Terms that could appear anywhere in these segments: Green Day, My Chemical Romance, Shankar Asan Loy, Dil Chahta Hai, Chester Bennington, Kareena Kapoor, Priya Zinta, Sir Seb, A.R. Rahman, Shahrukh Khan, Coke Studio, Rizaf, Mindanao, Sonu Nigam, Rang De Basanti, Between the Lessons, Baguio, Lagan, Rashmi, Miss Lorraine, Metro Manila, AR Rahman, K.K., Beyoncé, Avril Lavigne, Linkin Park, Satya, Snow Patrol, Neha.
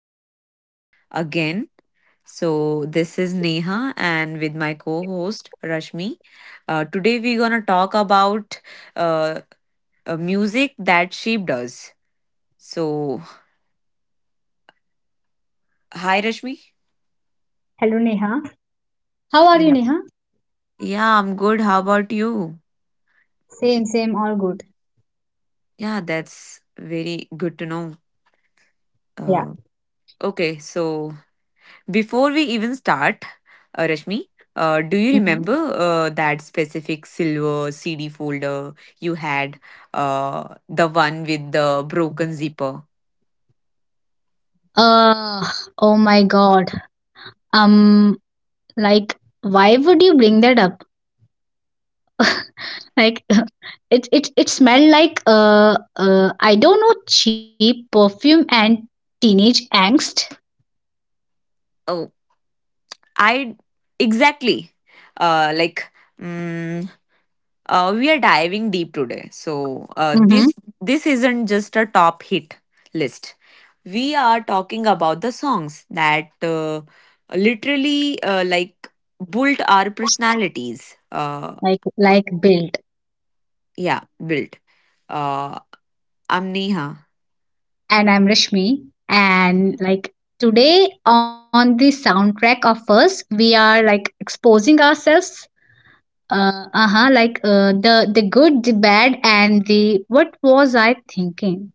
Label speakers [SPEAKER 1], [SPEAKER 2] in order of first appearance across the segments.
[SPEAKER 1] podcast again. So, this is Neha and with my co host Rashmi. Today, we're going to talk about uh, music that shaped us. So, hi, Rashmi.
[SPEAKER 2] Hello, Neha. How are you,
[SPEAKER 1] Yeah.
[SPEAKER 2] Neha?
[SPEAKER 1] Yeah, I'm good. How about you?
[SPEAKER 2] Same, same, all good.
[SPEAKER 1] Yeah, that's very good to know.
[SPEAKER 2] Yeah.
[SPEAKER 1] Uh, okay, so before we even start, Rashmi, do you
[SPEAKER 2] Mhm.
[SPEAKER 1] remember that specific silver CD folder you had? The one with the broken zipper?
[SPEAKER 2] Uh, oh my God. Um, like, why would you bring that up? Like, it smelled like, I don't know, cheap perfume and teenage angst.
[SPEAKER 1] Oh, I exactly. Uh, like, mm, we are diving deep today. So
[SPEAKER 2] Mm-hmm.
[SPEAKER 1] this isn't just a top hit list. We are talking about the songs that literally like built our personalities.
[SPEAKER 2] Like built.
[SPEAKER 1] Yeah, built. Uh, I'm Neha.
[SPEAKER 2] And I'm Rashmi. And, like, today on the soundtrack of us, we are, like, exposing ourselves. Uh-huh, like, the good, the bad, and the what was I thinking?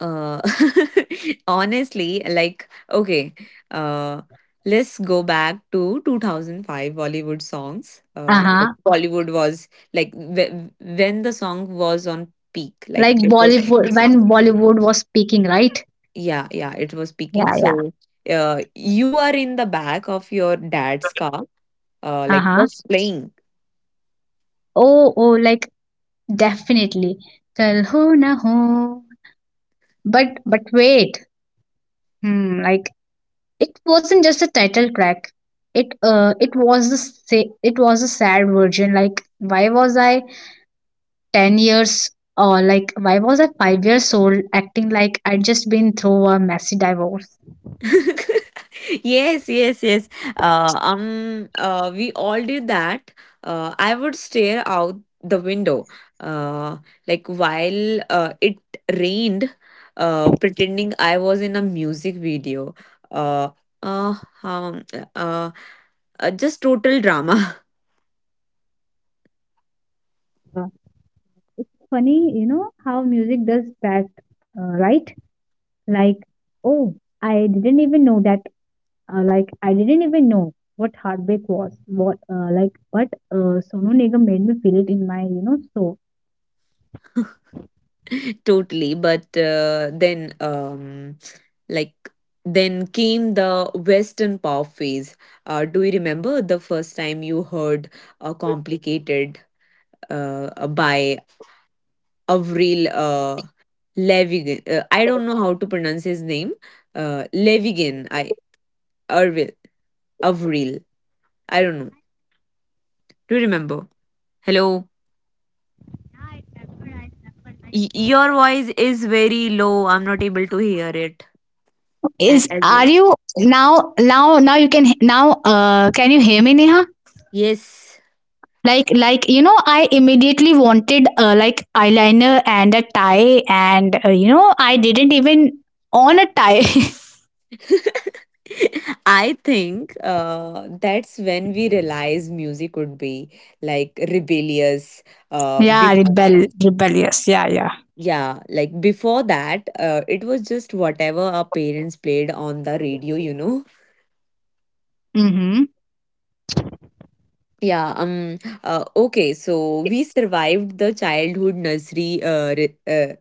[SPEAKER 1] Uh, Honestly, like, okay, uh, let's go back to 2005 Bollywood songs. Like
[SPEAKER 2] Uh-huh.
[SPEAKER 1] Bollywood was like when the song was on peak,
[SPEAKER 2] Like
[SPEAKER 1] like it was.
[SPEAKER 2] Bollywood, when Bollywood was peaking, right?
[SPEAKER 1] Yeah, yeah, it was peaking.
[SPEAKER 2] Yeah, yeah.
[SPEAKER 1] So, you are in the back of your dad's car. Like
[SPEAKER 2] Uh-huh.
[SPEAKER 1] what's playing?
[SPEAKER 2] Oh, oh, like, definitely. Kal Ho Na Ho. But wait. Like, it wasn't just a title track. It was a sad version. Like, why was I 10 years, or like, why was I 5 years old, acting like I'd just been through a messy divorce?
[SPEAKER 1] Yes, yes, yes, uh, um we all did that. I would stare out the window uh, like while it rained, pretending I was in a music video, uh, uh, um, uh, just total drama.
[SPEAKER 2] Uh, It's funny, you know, how music does that, right? Like, oh, I didn't even know that. Like, I didn't even know what heartbreak was. What, like, but, Sonu Nigam made me feel it in my, you know, soul.
[SPEAKER 1] Totally, but then like then came the Western pop phase. Do you remember the first time you heard "Complicated" by Avril Lavigne? I don't know how to pronounce his name. Lavigne. I Avril. Avril. I don't know. Do you remember? Hello. Your voice is very low. I'm not able to hear it
[SPEAKER 2] Is
[SPEAKER 1] as well.
[SPEAKER 2] Are you, now, you can now can you hear me, Neha?
[SPEAKER 1] Yes.
[SPEAKER 2] Like, you know, I immediately wanted, like, eyeliner and a tie, and, you know, I didn't even on a tie.
[SPEAKER 1] I think that's when we realize music would be like rebellious. Uh,
[SPEAKER 2] Yeah,
[SPEAKER 1] be-
[SPEAKER 2] rebellious. Yeah, yeah.
[SPEAKER 1] yeah, like before that, it was just whatever our parents played on the radio.
[SPEAKER 2] Mhm.
[SPEAKER 1] Yeah, okay, so we survived the childhood nursery,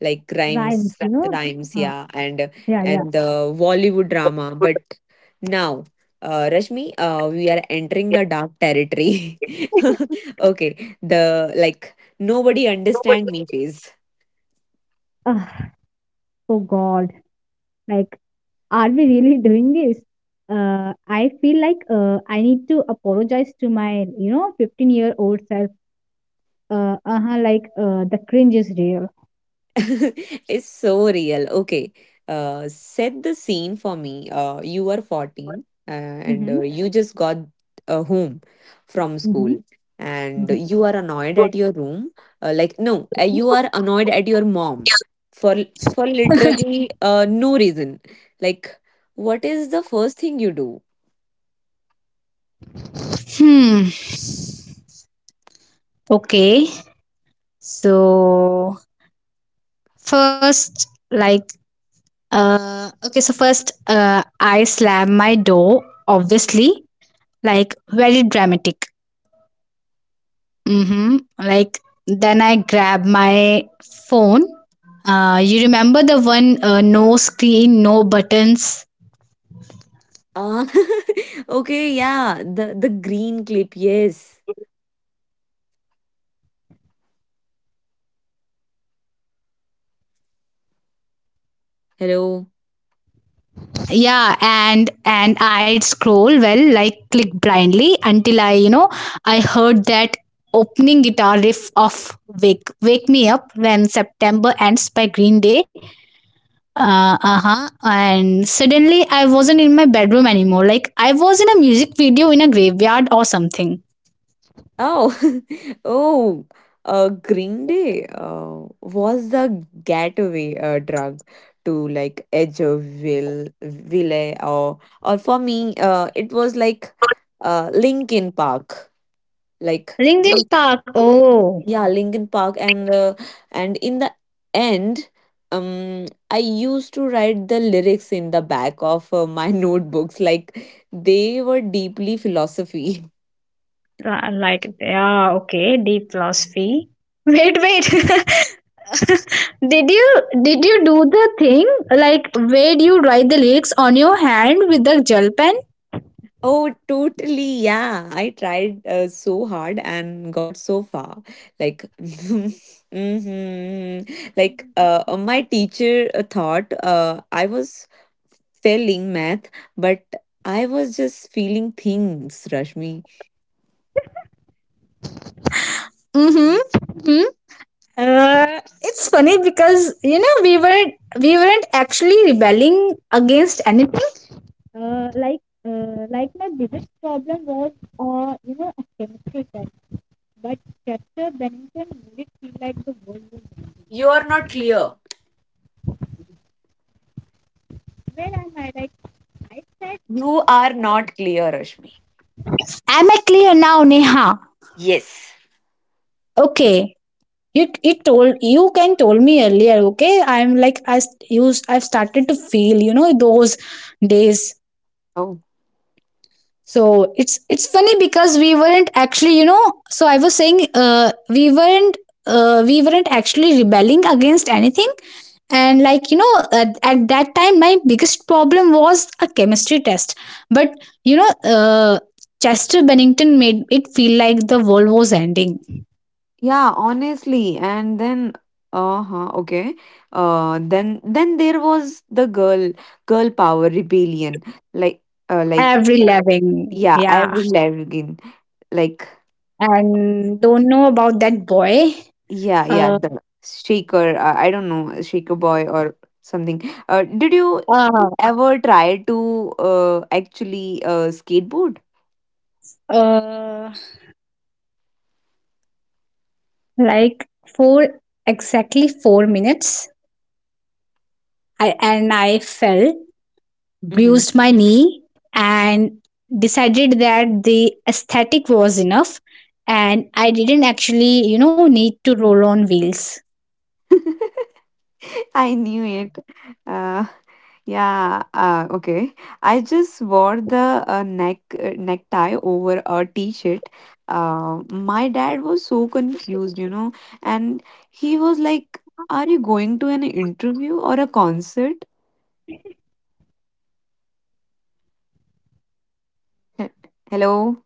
[SPEAKER 1] like
[SPEAKER 2] Rhymes,
[SPEAKER 1] rhymes,
[SPEAKER 2] you exactly know? Uh,
[SPEAKER 1] yeah, and
[SPEAKER 2] yeah, yeah.
[SPEAKER 1] and the Bollywood drama.
[SPEAKER 2] Good.
[SPEAKER 1] But now, Rashmi, we are
[SPEAKER 2] Yeah.
[SPEAKER 1] entering the dark territory. okay, the like nobody
[SPEAKER 2] Too much.
[SPEAKER 1] understand me phase.
[SPEAKER 2] Ugh, oh God, like, are we really doing this? I feel like, I need to apologize to my, you know, 15-year-old self. Uh-huh, like, the cringe is real.
[SPEAKER 1] Is so real. Okay. Set the scene for me. You are 14 and
[SPEAKER 2] Mm-hmm,
[SPEAKER 1] you just got home from
[SPEAKER 2] mm-hmm,
[SPEAKER 1] school, and
[SPEAKER 2] mm-hmm.
[SPEAKER 1] you are annoyed at your room. Like, no, you are annoyed at your mom for literally no reason. Like, what is the first thing you do?
[SPEAKER 2] Hmm. Okay. So first, like, okay. So first, I slam my door. Obviously, like, very dramatic. Mhm. Like, then I grab my phone. You remember the one, no screen, no buttons?
[SPEAKER 1] Uh, okay, yeah, the green clip. Yes. Hello.
[SPEAKER 2] Yeah, and I'd scroll, well, like, click blindly until I, you know, I heard that opening guitar riff of "Wake Me Up When September Ends" by Green Day. Uh huh. And suddenly I wasn't in my bedroom anymore. Like, I was in a music video in a graveyard or something.
[SPEAKER 1] Oh, oh, Green Day was the gateway drug to like Edge of Edgeville, Ville, or for me, it was like Linkin Park, like
[SPEAKER 2] Ringdin
[SPEAKER 1] Mm.
[SPEAKER 2] Park. Oh.
[SPEAKER 1] Yeah, Linkin Park, and in the end, um, I used to write the lyrics in the back of my notebooks, like they were deeply philosophy.
[SPEAKER 2] Like, yeah, okay, deep philosophy. Wait, wait, Did you did you do the thing, like, where you write the lyrics on your hand with the gel pen?
[SPEAKER 1] Oh, totally. Yeah, I tried so hard and got so far. Like, hmm like my teacher thought I was failing math, but I was just feeling things, Rashmi.
[SPEAKER 2] Mm-hmm. Hmm. Uh, it's funny because, you know, we weren't actually rebelling against anything. Uh, like my biggest problem was, you know, a chemistry test, but Chester Bennington made it feel like the world was —
[SPEAKER 1] You are not clear.
[SPEAKER 2] when I might —
[SPEAKER 1] You are not clear, Rashmi.
[SPEAKER 2] Am I clear now, Neha?
[SPEAKER 1] Yes.
[SPEAKER 2] Okay. You, it told you can told me earlier, okay? I'm like, I st- use I've started to feel, you know, those days. So it's funny because we weren't actually, you know, so I was saying, we weren't actually rebelling against anything. And, like, you know, at that time, my biggest problem was a chemistry test. But, you know, Chester Bennington made it feel like the world was ending.
[SPEAKER 1] Yeah, honestly. And then, uh-huh, okay. Then there was the girl power rebellion. Like like
[SPEAKER 2] Every loving,
[SPEAKER 1] yeah,
[SPEAKER 2] yeah.
[SPEAKER 1] Avril Lavigne. Like
[SPEAKER 2] And don't know about that boy.
[SPEAKER 1] yeah, yeah,
[SPEAKER 2] Uh,
[SPEAKER 1] the shaker, I don't know, shaker boy or something. Did you
[SPEAKER 2] uh,
[SPEAKER 1] ever try to actually skateboard?
[SPEAKER 2] uh, like, for exactly 4 minutes, I — and I fell,
[SPEAKER 1] Mm-hmm.
[SPEAKER 2] bruised my knee, and decided that the aesthetic was enough. And I didn't actually, you know, need to roll on wheels.
[SPEAKER 1] I knew it. Uh, yeah. Okay. I just wore the necktie over a t-shirt. My dad was so confused, and he was like, "Are you going to an interview or a concert?" He- Hello.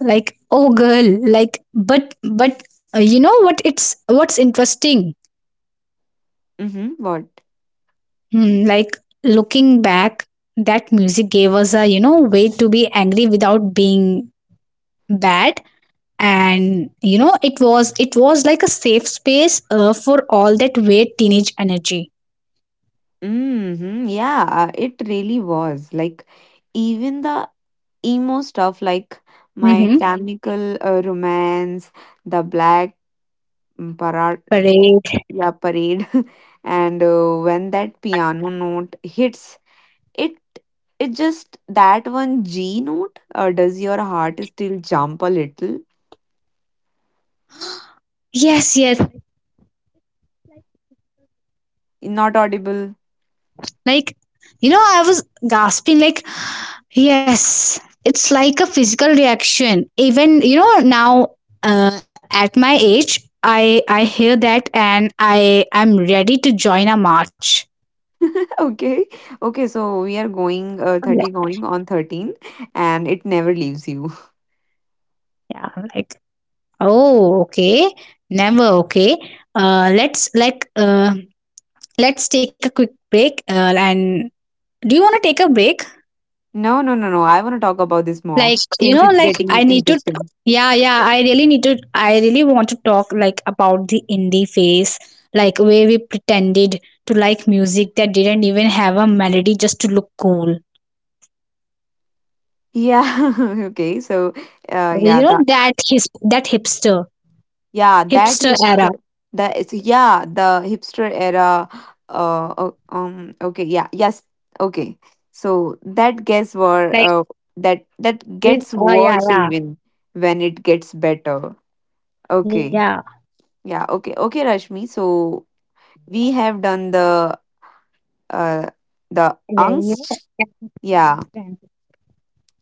[SPEAKER 2] Like, oh, girl, like, but you know what? It's what's interesting.
[SPEAKER 1] Mm-hmm. What?
[SPEAKER 2] Like, looking back, that music gave us a, you know, way to be angry without being bad, and, you know, it was like a safe space, for all that weird teenage energy.
[SPEAKER 1] Mm-hmm. Yeah. It really was like even the emo stuff like. My
[SPEAKER 2] Mm-hmm.
[SPEAKER 1] chemical romance, the black mm, parad,
[SPEAKER 2] Parade.
[SPEAKER 1] yeah, parade, and when that piano note hits, it it just that one G note. Does your heart still jump a little?
[SPEAKER 2] Yes, yes.
[SPEAKER 1] Not audible.
[SPEAKER 2] Like, you know, I was gasping, like, yes. It's like a physical reaction. Even, you know, now, at my age, I hear that and I'm ready to join a march.
[SPEAKER 1] Okay, okay. So we are going 30, going on 13, and it never leaves you.
[SPEAKER 2] Yeah, I'm like, oh, okay, never okay. Uh, let's like uh, let's take a quick break. And do you want to take a break?
[SPEAKER 1] No, no, no, no. I want to talk about this more
[SPEAKER 2] Like, you
[SPEAKER 1] since
[SPEAKER 2] know,
[SPEAKER 1] it's
[SPEAKER 2] like,
[SPEAKER 1] getting
[SPEAKER 2] I need to.
[SPEAKER 1] interesting.
[SPEAKER 2] Yeah, yeah, I really need to. I really want to talk, like, about the indie phase, like where we pretended to like music that didn't even have a melody just to look cool.
[SPEAKER 1] Yeah. Okay. So, yeah.
[SPEAKER 2] You know
[SPEAKER 1] the
[SPEAKER 2] that hipster,
[SPEAKER 1] Yeah, that
[SPEAKER 2] era.
[SPEAKER 1] hipster. Yeah, the hipster era. Okay. Yeah. Yes. Okay. So
[SPEAKER 2] Like,
[SPEAKER 1] that gets
[SPEAKER 2] oh, yeah,
[SPEAKER 1] worse
[SPEAKER 2] yeah,
[SPEAKER 1] even when it gets better.
[SPEAKER 2] yeah,
[SPEAKER 1] Okay. Yeah. Okay. Okay, Rashmi. So we have done uh the
[SPEAKER 2] yeah. You
[SPEAKER 1] angst. Yeah.
[SPEAKER 2] know.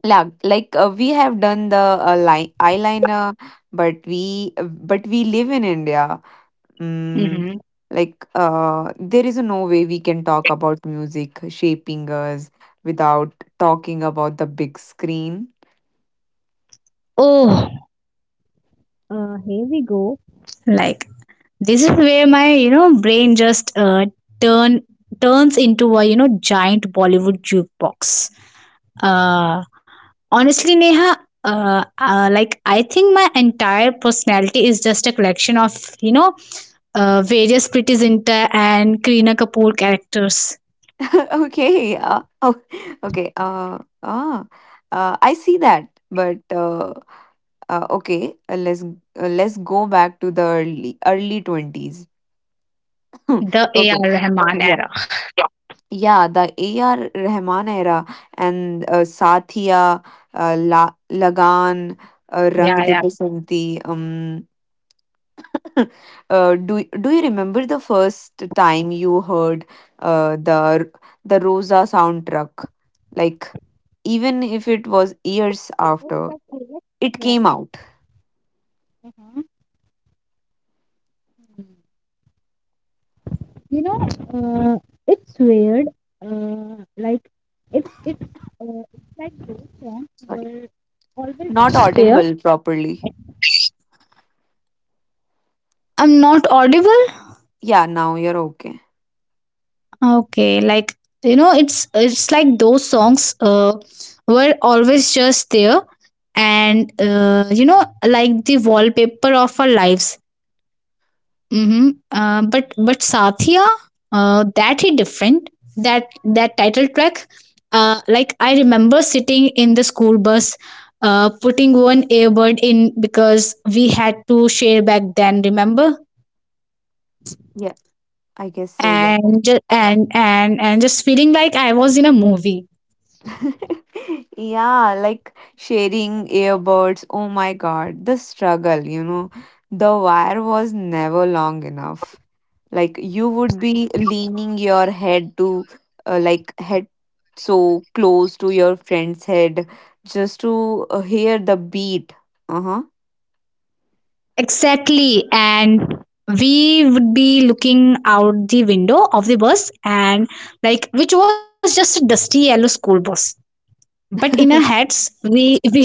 [SPEAKER 1] Like we have done the li eyeliner, but we live in India. Mm,
[SPEAKER 2] Mhm.
[SPEAKER 1] like there is no way we can talk about music shaping us without talking about the big screen.
[SPEAKER 2] Oh, here we go, like, this is where my, you know, brain just, turn turns into a, you know, giant Bollywood jukebox. uh Honestly, Neha, like, I think my entire personality is just a collection of, you know, various Pretty Zinta and Kareena Kapoor characters.
[SPEAKER 1] Okay, oh, okay. I see that, but okay. Let's go back to the early early twenties.
[SPEAKER 2] The
[SPEAKER 1] okay.
[SPEAKER 2] A.R. Rahman
[SPEAKER 1] Yeah.
[SPEAKER 2] era.
[SPEAKER 1] Yeah, the AR Rahman era and Satya, Lagan, Rang
[SPEAKER 2] Yeah,
[SPEAKER 1] De
[SPEAKER 2] yeah.
[SPEAKER 1] Basanti, Uh, do do you remember the first time you heard uh, the the Rosa soundtrack? Like even if it was years after
[SPEAKER 2] Oh.
[SPEAKER 1] it came out.
[SPEAKER 2] You know, uh, it's weird. Like, it's it's it's like those songs
[SPEAKER 1] Sorry,
[SPEAKER 2] were
[SPEAKER 1] not
[SPEAKER 2] always
[SPEAKER 1] audible
[SPEAKER 2] there.
[SPEAKER 1] properly.
[SPEAKER 2] I'm not audible.
[SPEAKER 1] Yeah, now you're okay.
[SPEAKER 2] Okay, like, you know, it's like those songs were always just there, and, you know, like the wallpaper of our lives. Mhm. But Satya, that hit different. That title track, like, I remember sitting in the school bus, putting one earbud in because we had to share back then. Remember,
[SPEAKER 1] Yeah, I guess so. Yeah.
[SPEAKER 2] and ju- and just feeling like I was in a movie.
[SPEAKER 1] Yeah, like sharing earbuds. Oh my God, the struggle. The wire was never long enough, like you would be leaning your head to like head so close to your friend's head just to hear the beat. Uh-huh.
[SPEAKER 2] Exactly, and we would be looking out the window of the bus, and, like, which was just a dusty yellow school bus, but in our heads, we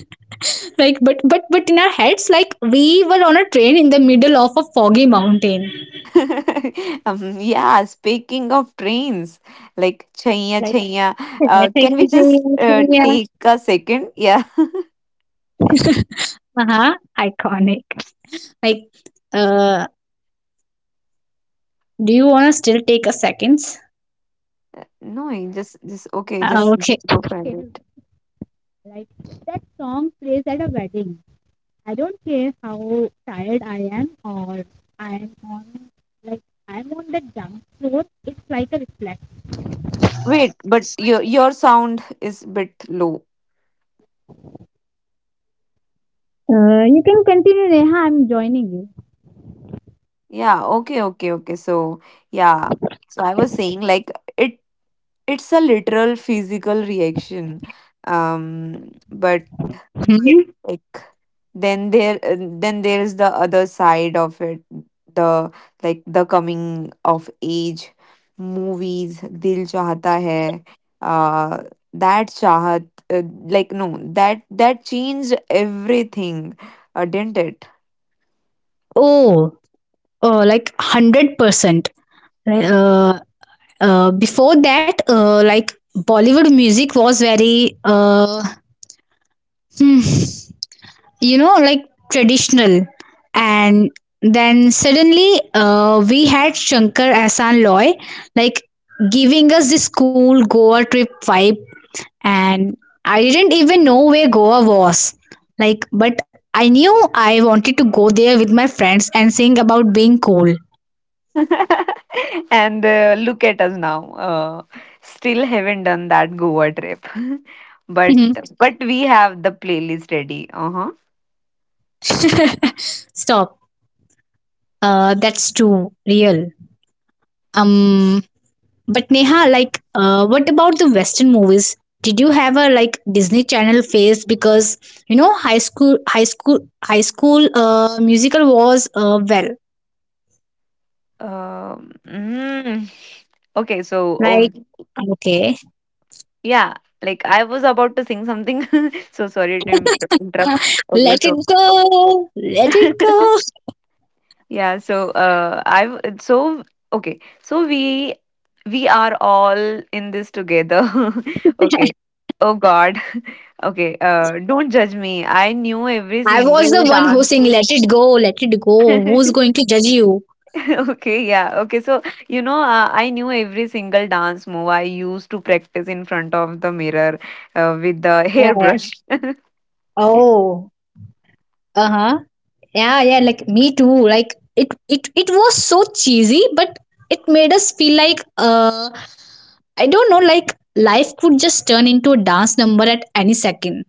[SPEAKER 2] like, but in our heads, like, we were on a train in the middle of a foggy mountain.
[SPEAKER 1] Yeah, speaking of trains like chaiya
[SPEAKER 2] Like,
[SPEAKER 1] chaiya. Can we just
[SPEAKER 2] yeah,
[SPEAKER 1] take a second? Yeah.
[SPEAKER 2] uh-huh, iconic. Like, uh do you want to still take a seconds?
[SPEAKER 1] No, you just okay, just
[SPEAKER 2] Okay.
[SPEAKER 1] go for it.
[SPEAKER 2] I don't care how tired I am or I am like like
[SPEAKER 1] Wait, but your sound is bit low.
[SPEAKER 2] you can continue, Neha, I'm joining you.
[SPEAKER 1] Yeah, okay, okay, okay. So, yeah. So I was saying like it's a literal physical reaction. But
[SPEAKER 2] Mhm.
[SPEAKER 1] like then there is the other side of it, the like the coming of age movies, Dil Chahta Hai, uh that Chahat like no, that changed everything, didn't it?
[SPEAKER 2] Oh, oh, like, 100%. uh, Before that, like, Bollywood music was very, hmm, you know, like, traditional. And then suddenly, we had Shankar Asan Loy, like, giving us this cool Goa trip vibe, and I didn't even know where Goa was, like, but I knew I wanted to go there with my friends and sing about being cool.
[SPEAKER 1] And look at us now. Uh, Still haven't done that Goa trip, but
[SPEAKER 2] Mhm.
[SPEAKER 1] but we have the playlist ready. Uh huh.
[SPEAKER 2] Stop. That's too real um But, Neha, like, what about the Western movies? Did you have a, like, Disney Channel phase? Because, you know, High School Musical was, well —
[SPEAKER 1] Um, mm. Okay, so
[SPEAKER 2] like,
[SPEAKER 1] oh,
[SPEAKER 2] okay,
[SPEAKER 1] yeah, like I was about to sing something, so sorry to interrupt. Okay,
[SPEAKER 2] let
[SPEAKER 1] so
[SPEAKER 2] it go, let it go.
[SPEAKER 1] yeah, so I've so okay, so we are all in this together. okay. Oh God. Okay, don't judge me. I knew every
[SPEAKER 2] I was the
[SPEAKER 1] single
[SPEAKER 2] one who
[SPEAKER 1] dance.
[SPEAKER 2] sing "Let It Go, Let It Go." Who's going to judge you?
[SPEAKER 1] Okay, yeah. Okay, so I knew every single dance move. I used to practice in front of the mirror with the
[SPEAKER 2] Yeah, yeah.
[SPEAKER 1] hairbrush.
[SPEAKER 2] Oh. Uh-huh. Yeah, yeah, like, me too. Like, it was so cheesy, but it made us feel like, I don't know, like life could just turn into a dance number at any second.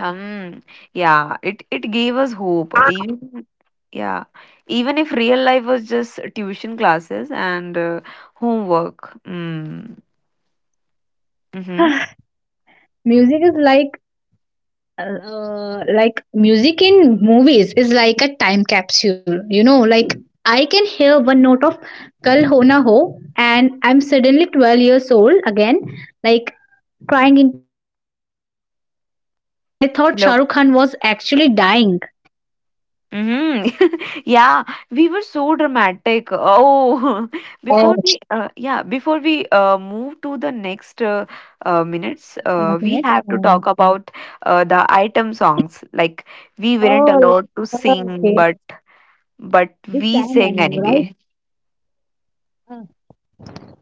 [SPEAKER 1] Um, yeah, it gave us hope. Even Yeah, even if real life was just tuition classes and homework. Mm. Mm-hmm.
[SPEAKER 2] Music is like, like, music in movies is like a time capsule. You know, like, I can hear one note of Kal Ho Na Ho and I'm suddenly 12 years old again, like crying into my pillow because I thought Shahrukh Khan was actually
[SPEAKER 1] Hello.
[SPEAKER 2] dying.
[SPEAKER 1] Mm-hmm. Yeah, we were so dramatic. Oh,
[SPEAKER 2] Oh.
[SPEAKER 1] yeah, before we move to the next minutes, we
[SPEAKER 2] Minute.
[SPEAKER 1] have to talk about the item songs. Like we weren't
[SPEAKER 2] Oh,
[SPEAKER 1] allowed to sing,
[SPEAKER 2] okay.
[SPEAKER 1] but
[SPEAKER 2] This
[SPEAKER 1] we
[SPEAKER 2] time I
[SPEAKER 1] sing
[SPEAKER 2] know, right?
[SPEAKER 1] anyway.
[SPEAKER 2] Uh,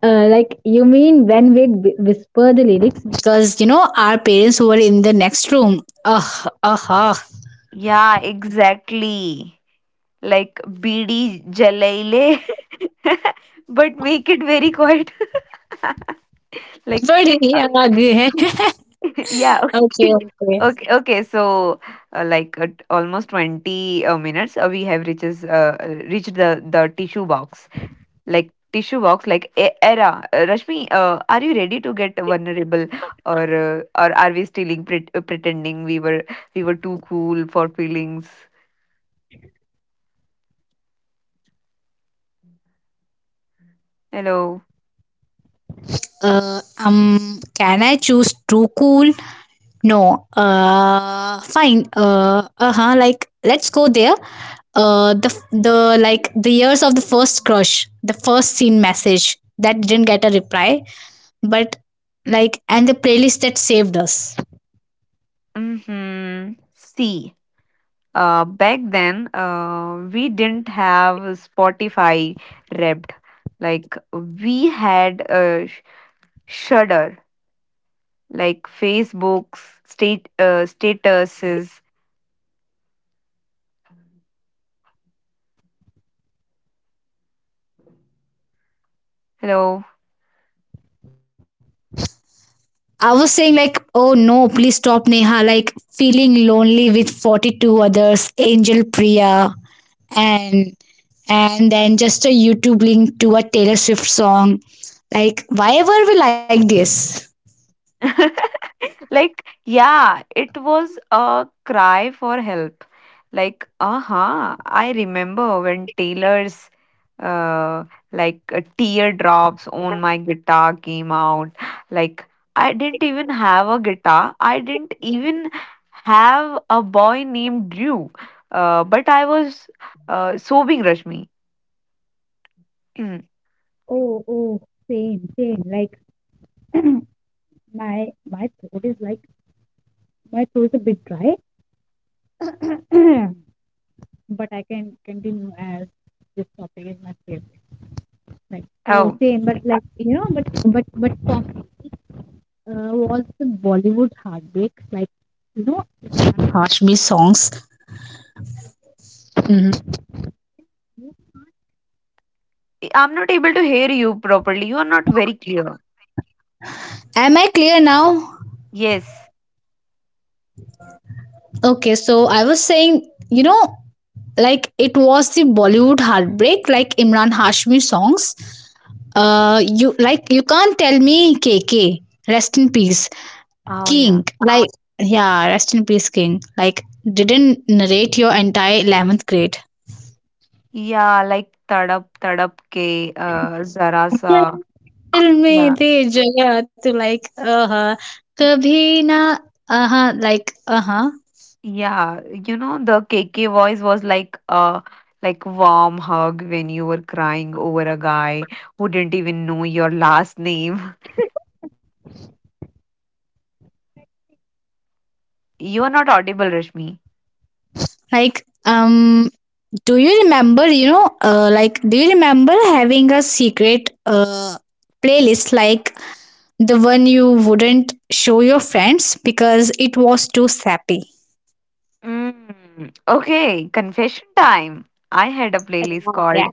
[SPEAKER 2] like, you mean when we whisper the lyrics because, you know, our parents were in the next room. Ah, ah, ah.
[SPEAKER 1] Yeah, exactly. Like bidi Jalaile, but make it very quiet. like
[SPEAKER 2] बड़े ही आगे है.
[SPEAKER 1] yeah.
[SPEAKER 2] Okay,
[SPEAKER 1] Okay,
[SPEAKER 2] okay.
[SPEAKER 1] okay, okay, so like at almost 20 minutes, we have reaches reached the tissue box. Like tissue box, like era. Rashmi, are you ready to get vulnerable, or are we still pretending we were too cool for feelings? Hello.
[SPEAKER 2] Can I choose too cool? No. Fine. Uh-huh. Like, let's go there. The years of the first crush, the first seen message that didn't get a reply, but, like, and the playlist that saved us.
[SPEAKER 1] Mm-hmm. See, back then, we didn't have Spotify Wrapped. Like we had Shudder, like Facebook's state statuses. Hello.
[SPEAKER 2] I was saying like, oh no, please stop, Neha. Like, feeling lonely with 42 others, Angel Priya, and and then just a YouTube link to a Taylor Swift song. Like, why were we like this?
[SPEAKER 1] Like yeah, it was a cry for help. Like aha, I remember when Taylor's uh like Teardrops On My Guitar came out. Like I didn't even have a guitar, I didn't even have a boy named Drew, but I was sobbing, Rashmi.
[SPEAKER 2] Oh, oh, same, same. Like, my throat is like, my throat is a bit dry, but I can continue as this topic is my favorite. Like, oh,
[SPEAKER 1] Oh,
[SPEAKER 2] same, but, like, you know, but coffee, was the Bollywood heartbreak. Like, you know, Harshmi songs. Mhm.
[SPEAKER 1] I'm not able to hear you properly. You are not very clear.
[SPEAKER 2] Am I clear now?
[SPEAKER 1] Yes.
[SPEAKER 2] Okay, so I was saying, you know, like it was the Bollywood heartbreak, like Imran Hashmi songs, you, like, you can't tell me KK, rest in peace,
[SPEAKER 1] Oh yeah.
[SPEAKER 2] king, like, yeah, rest in peace, king, like, didn't narrate your entire 11th grade.
[SPEAKER 1] Yeah, like tadap tadap ke zara sa.
[SPEAKER 2] Tell me
[SPEAKER 1] Yeah.
[SPEAKER 2] the jagah to, like, uh-huh, kabhi na, uh-huh, like, uh-huh.
[SPEAKER 1] Yeah, the KK voice was like a like warm hug when you were crying over a guy who didn't even know your last name. You are not audible, Rashmi.
[SPEAKER 2] Like, do you remember, you know, like, do you remember having a secret, playlist, like the one you wouldn't show your friends because it was too sappy.
[SPEAKER 1] Mm. Okay, confession time. I had a
[SPEAKER 2] I don't
[SPEAKER 1] playlist
[SPEAKER 2] know. Yeah.
[SPEAKER 1] called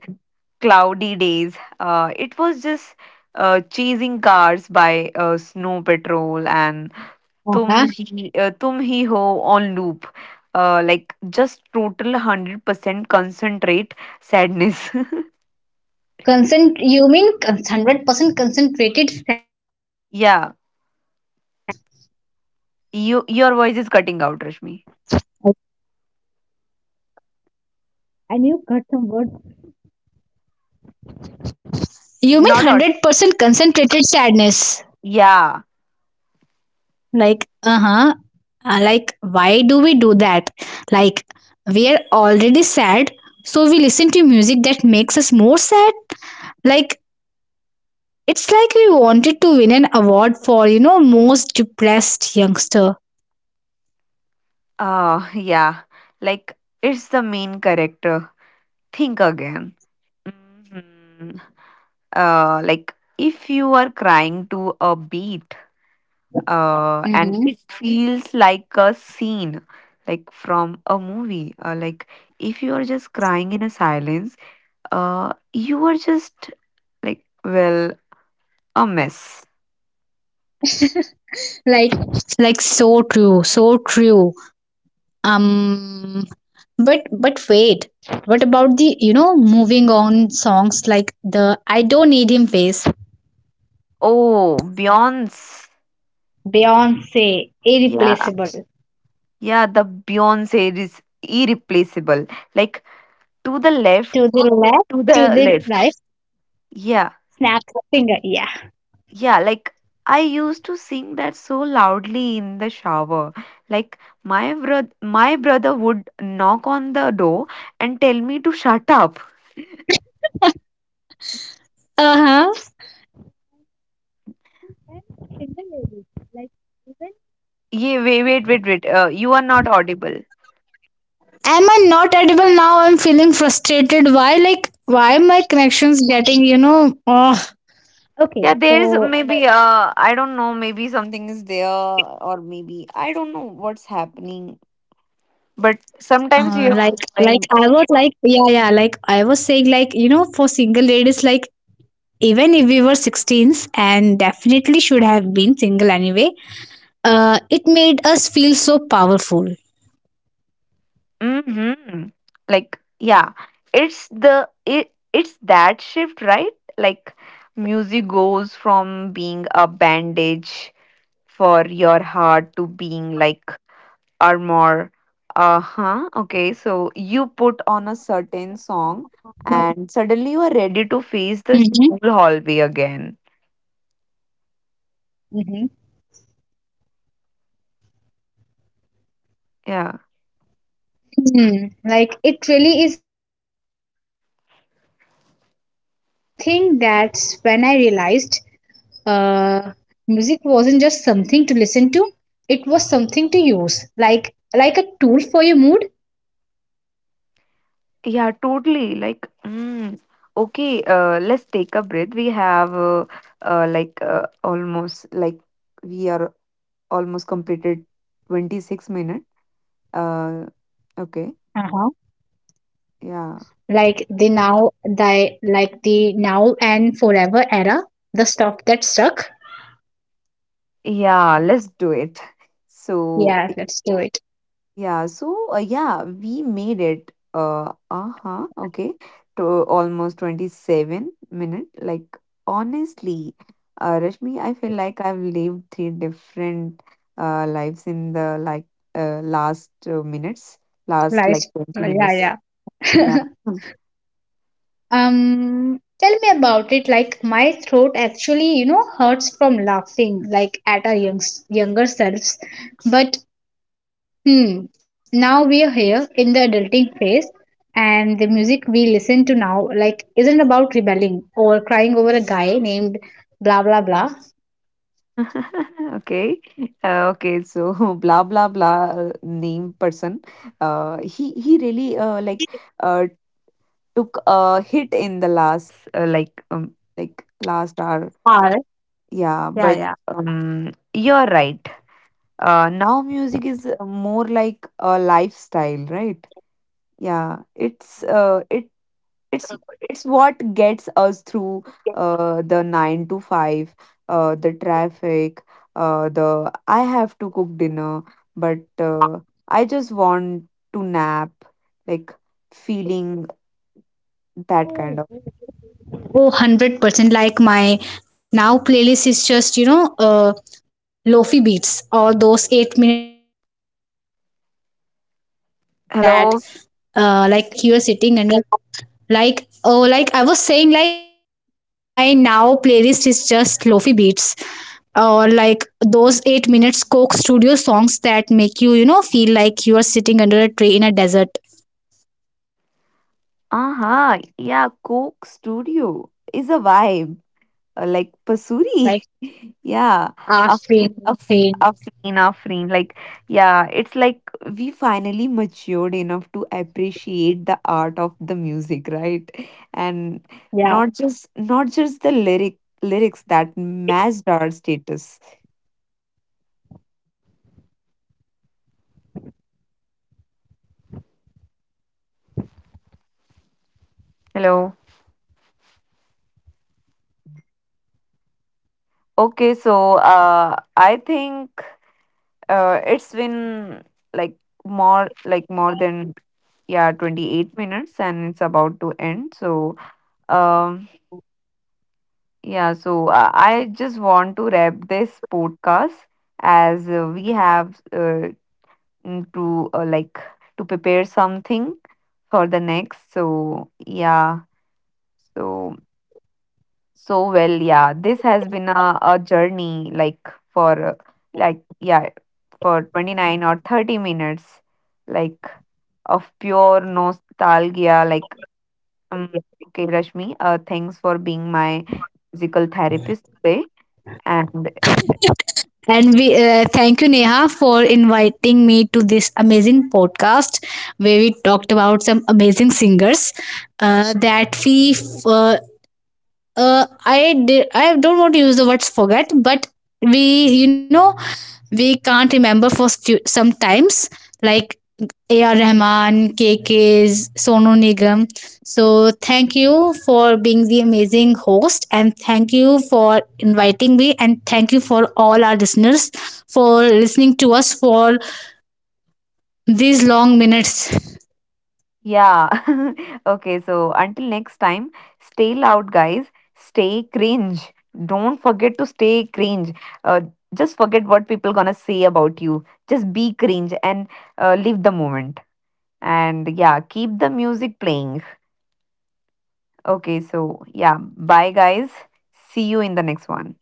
[SPEAKER 1] Cloudy Days. It was just Chasing Cars by Snow Patrol and
[SPEAKER 2] Uh-huh.
[SPEAKER 1] Tum Hi Ho on loop. Like just total 100% concentrate sadness.
[SPEAKER 2] You mean, 100% concentrated sadness, girl.
[SPEAKER 1] yeah, your voice is cutting out,
[SPEAKER 2] I,
[SPEAKER 1] Rashmi.
[SPEAKER 2] I knew cut some words. You mean
[SPEAKER 1] Not out.
[SPEAKER 2] 100% concentrated sadness?
[SPEAKER 1] Yeah.
[SPEAKER 2] Like, uh-huh, uh huh, like, why do we do that? Like, we are already sad, so we listen to music that makes us more sad? Like, it's like we wanted to win an award for, you know, most depressed youngster.
[SPEAKER 1] Yeah. Like it's the main character. Think again. Mhm. Like if you are crying to a beat, and
[SPEAKER 2] Mm-hmm.
[SPEAKER 1] it feels like a scene, like from a movie. Like if you are just crying in a silence, you are just like well a mess.
[SPEAKER 2] Like. So true, so true. Um, but wait, what about the, you know, moving on songs like the I don't need him face?
[SPEAKER 1] Oh, Beyonce.
[SPEAKER 2] Beyonce,
[SPEAKER 1] Yeah,
[SPEAKER 2] irreplaceable.
[SPEAKER 1] yeah. The Beyonce is irreplaceable. Like to the left,
[SPEAKER 2] To the left,
[SPEAKER 1] to
[SPEAKER 2] to
[SPEAKER 1] the
[SPEAKER 2] the
[SPEAKER 1] left.
[SPEAKER 2] right,
[SPEAKER 1] Yeah,
[SPEAKER 2] snap the finger. Yeah.
[SPEAKER 1] yeah, like I used to sing that so loudly in the shower. Like my brother would knock on the door and tell me to shut up.
[SPEAKER 2] Uh huh.
[SPEAKER 1] Yeah, wait, wait, wait, wait. You are not audible.
[SPEAKER 2] Am I not edible now? I'm feeling frustrated. Why, like, why my connections getting, you know? Oh. Okay,
[SPEAKER 1] Yeah, there's
[SPEAKER 2] so,
[SPEAKER 1] maybe I don't know, maybe something is there or maybe I don't know what's happening. But sometimes you have
[SPEAKER 2] Like,
[SPEAKER 1] to try.
[SPEAKER 2] I was like, yeah, yeah, like, I was saying, like, you know, for single ladies, like, even if we were 16s and definitely should have been single anyway, it made us feel so powerful.
[SPEAKER 1] Mm-hmm. Like, yeah, it's the it's that shift, right? Like, music goes from being a bandage for your heart to being like armor. Uh-huh. Okay, so you put on a certain song and suddenly you are ready to
[SPEAKER 2] Mm-hmm.
[SPEAKER 1] face the school hallway again.
[SPEAKER 2] Mm-hmm.
[SPEAKER 1] Yeah.
[SPEAKER 2] Hmm. Like, it really is armor. And I think that's when I realized, uh, music wasn't just something to listen to, it was something to use, like, a tool for your mood.
[SPEAKER 1] Yeah, totally. Like, okay, let's take a breath. We have like almost like we are almost completed 26 minutes. Uh,
[SPEAKER 2] Uh-huh.
[SPEAKER 1] okay, yeah.
[SPEAKER 2] Like, the now, the, like, the now and forever era, the stuff that stuck.
[SPEAKER 1] Yeah, let's do it. So,
[SPEAKER 2] Yeah, let's do it.
[SPEAKER 1] yeah, so yeah, we made it. Uh-huh, okay, to almost 27 minute. Like honestly, Rashmi, I feel like I've lived three different lives in the last minutes, last
[SPEAKER 2] Like,
[SPEAKER 1] like 20
[SPEAKER 2] yeah,
[SPEAKER 1] minutes.
[SPEAKER 2] yeah.
[SPEAKER 1] Yeah.
[SPEAKER 2] Tell me about it. Like, my throat actually, you know, hurts from laughing, like at our younger selves. But, now we are here in the adulting phase, and the music we listen to now, like, isn't about rebelling or crying over a guy named blah blah blah.
[SPEAKER 1] Okay. Okay. So blah blah blah name person. He really like uh took a hit in the last like last hour,
[SPEAKER 2] Or
[SPEAKER 1] yeah, but
[SPEAKER 2] yeah, yeah.
[SPEAKER 1] you're right. Now music is more like a lifestyle, right? Yeah, it's it's what gets us through the 9 to 5, the traffic, the I have to cook dinner, but uh, I just want to nap, like feeling that kind of.
[SPEAKER 2] Oh, 100%. Like, my now playlist is just, you know, lofi beats or those 8 minute Coke Studio songs that, like, make you feel
[SPEAKER 1] Hello.
[SPEAKER 2] like you're sitting under — like, oh, like, I was saying, like, you know, my now playlist is just lofi beats or, like, those 8 minutes Coke Studio songs that make you, you know, feel like you are sitting under a tree in a desert.
[SPEAKER 1] Uh huh. Yeah, Coke Studio is a vibe, like Pasuri. yeah,
[SPEAKER 2] Ah, tree.
[SPEAKER 1] Afreen, Afreen, Afreen. Like, yeah, it's like we finally matured enough to appreciate the art of the music, right? And
[SPEAKER 2] Yeah.
[SPEAKER 1] not just the lyric lyrics that matched our status. Hello. Okay, so I think it's been like more than yeah 28 minutes, and it's about to end, so um yeah, so I just want to wrap this podcast, as we have to like to prepare something for the next, so yeah, so so well yeah, this has been a journey like for like yeah for 29 or 30 minutes like of pure nostalgia, like okay, Rashmi, thanks for being my physical therapist today. And
[SPEAKER 2] And we, thank you, Neha, for inviting me to this amazing podcast where we talked about some amazing singers. That we, I did, I don't want to use the words forget, but we, you know, we can't remember for few, sometimes. Like, A.R. Rahman, K K's, Sonu Nigam. So thank you for being the amazing host, and thank you for inviting me, and thank you for all our listeners for listening to us for these long minutes,
[SPEAKER 1] yeah, okay, so until next time, stay loud, guys. Stay cringe. Don't forget to stay cringe. Uh, just forget what
[SPEAKER 2] and
[SPEAKER 1] people gonna
[SPEAKER 2] please,
[SPEAKER 1] say
[SPEAKER 2] and keep
[SPEAKER 1] about you.
[SPEAKER 2] listening to these
[SPEAKER 1] Just be cringe
[SPEAKER 2] songs.
[SPEAKER 1] and live the moment. And yeah, keep the music playing. Okay, so yeah, bye, guys. See you in the next one.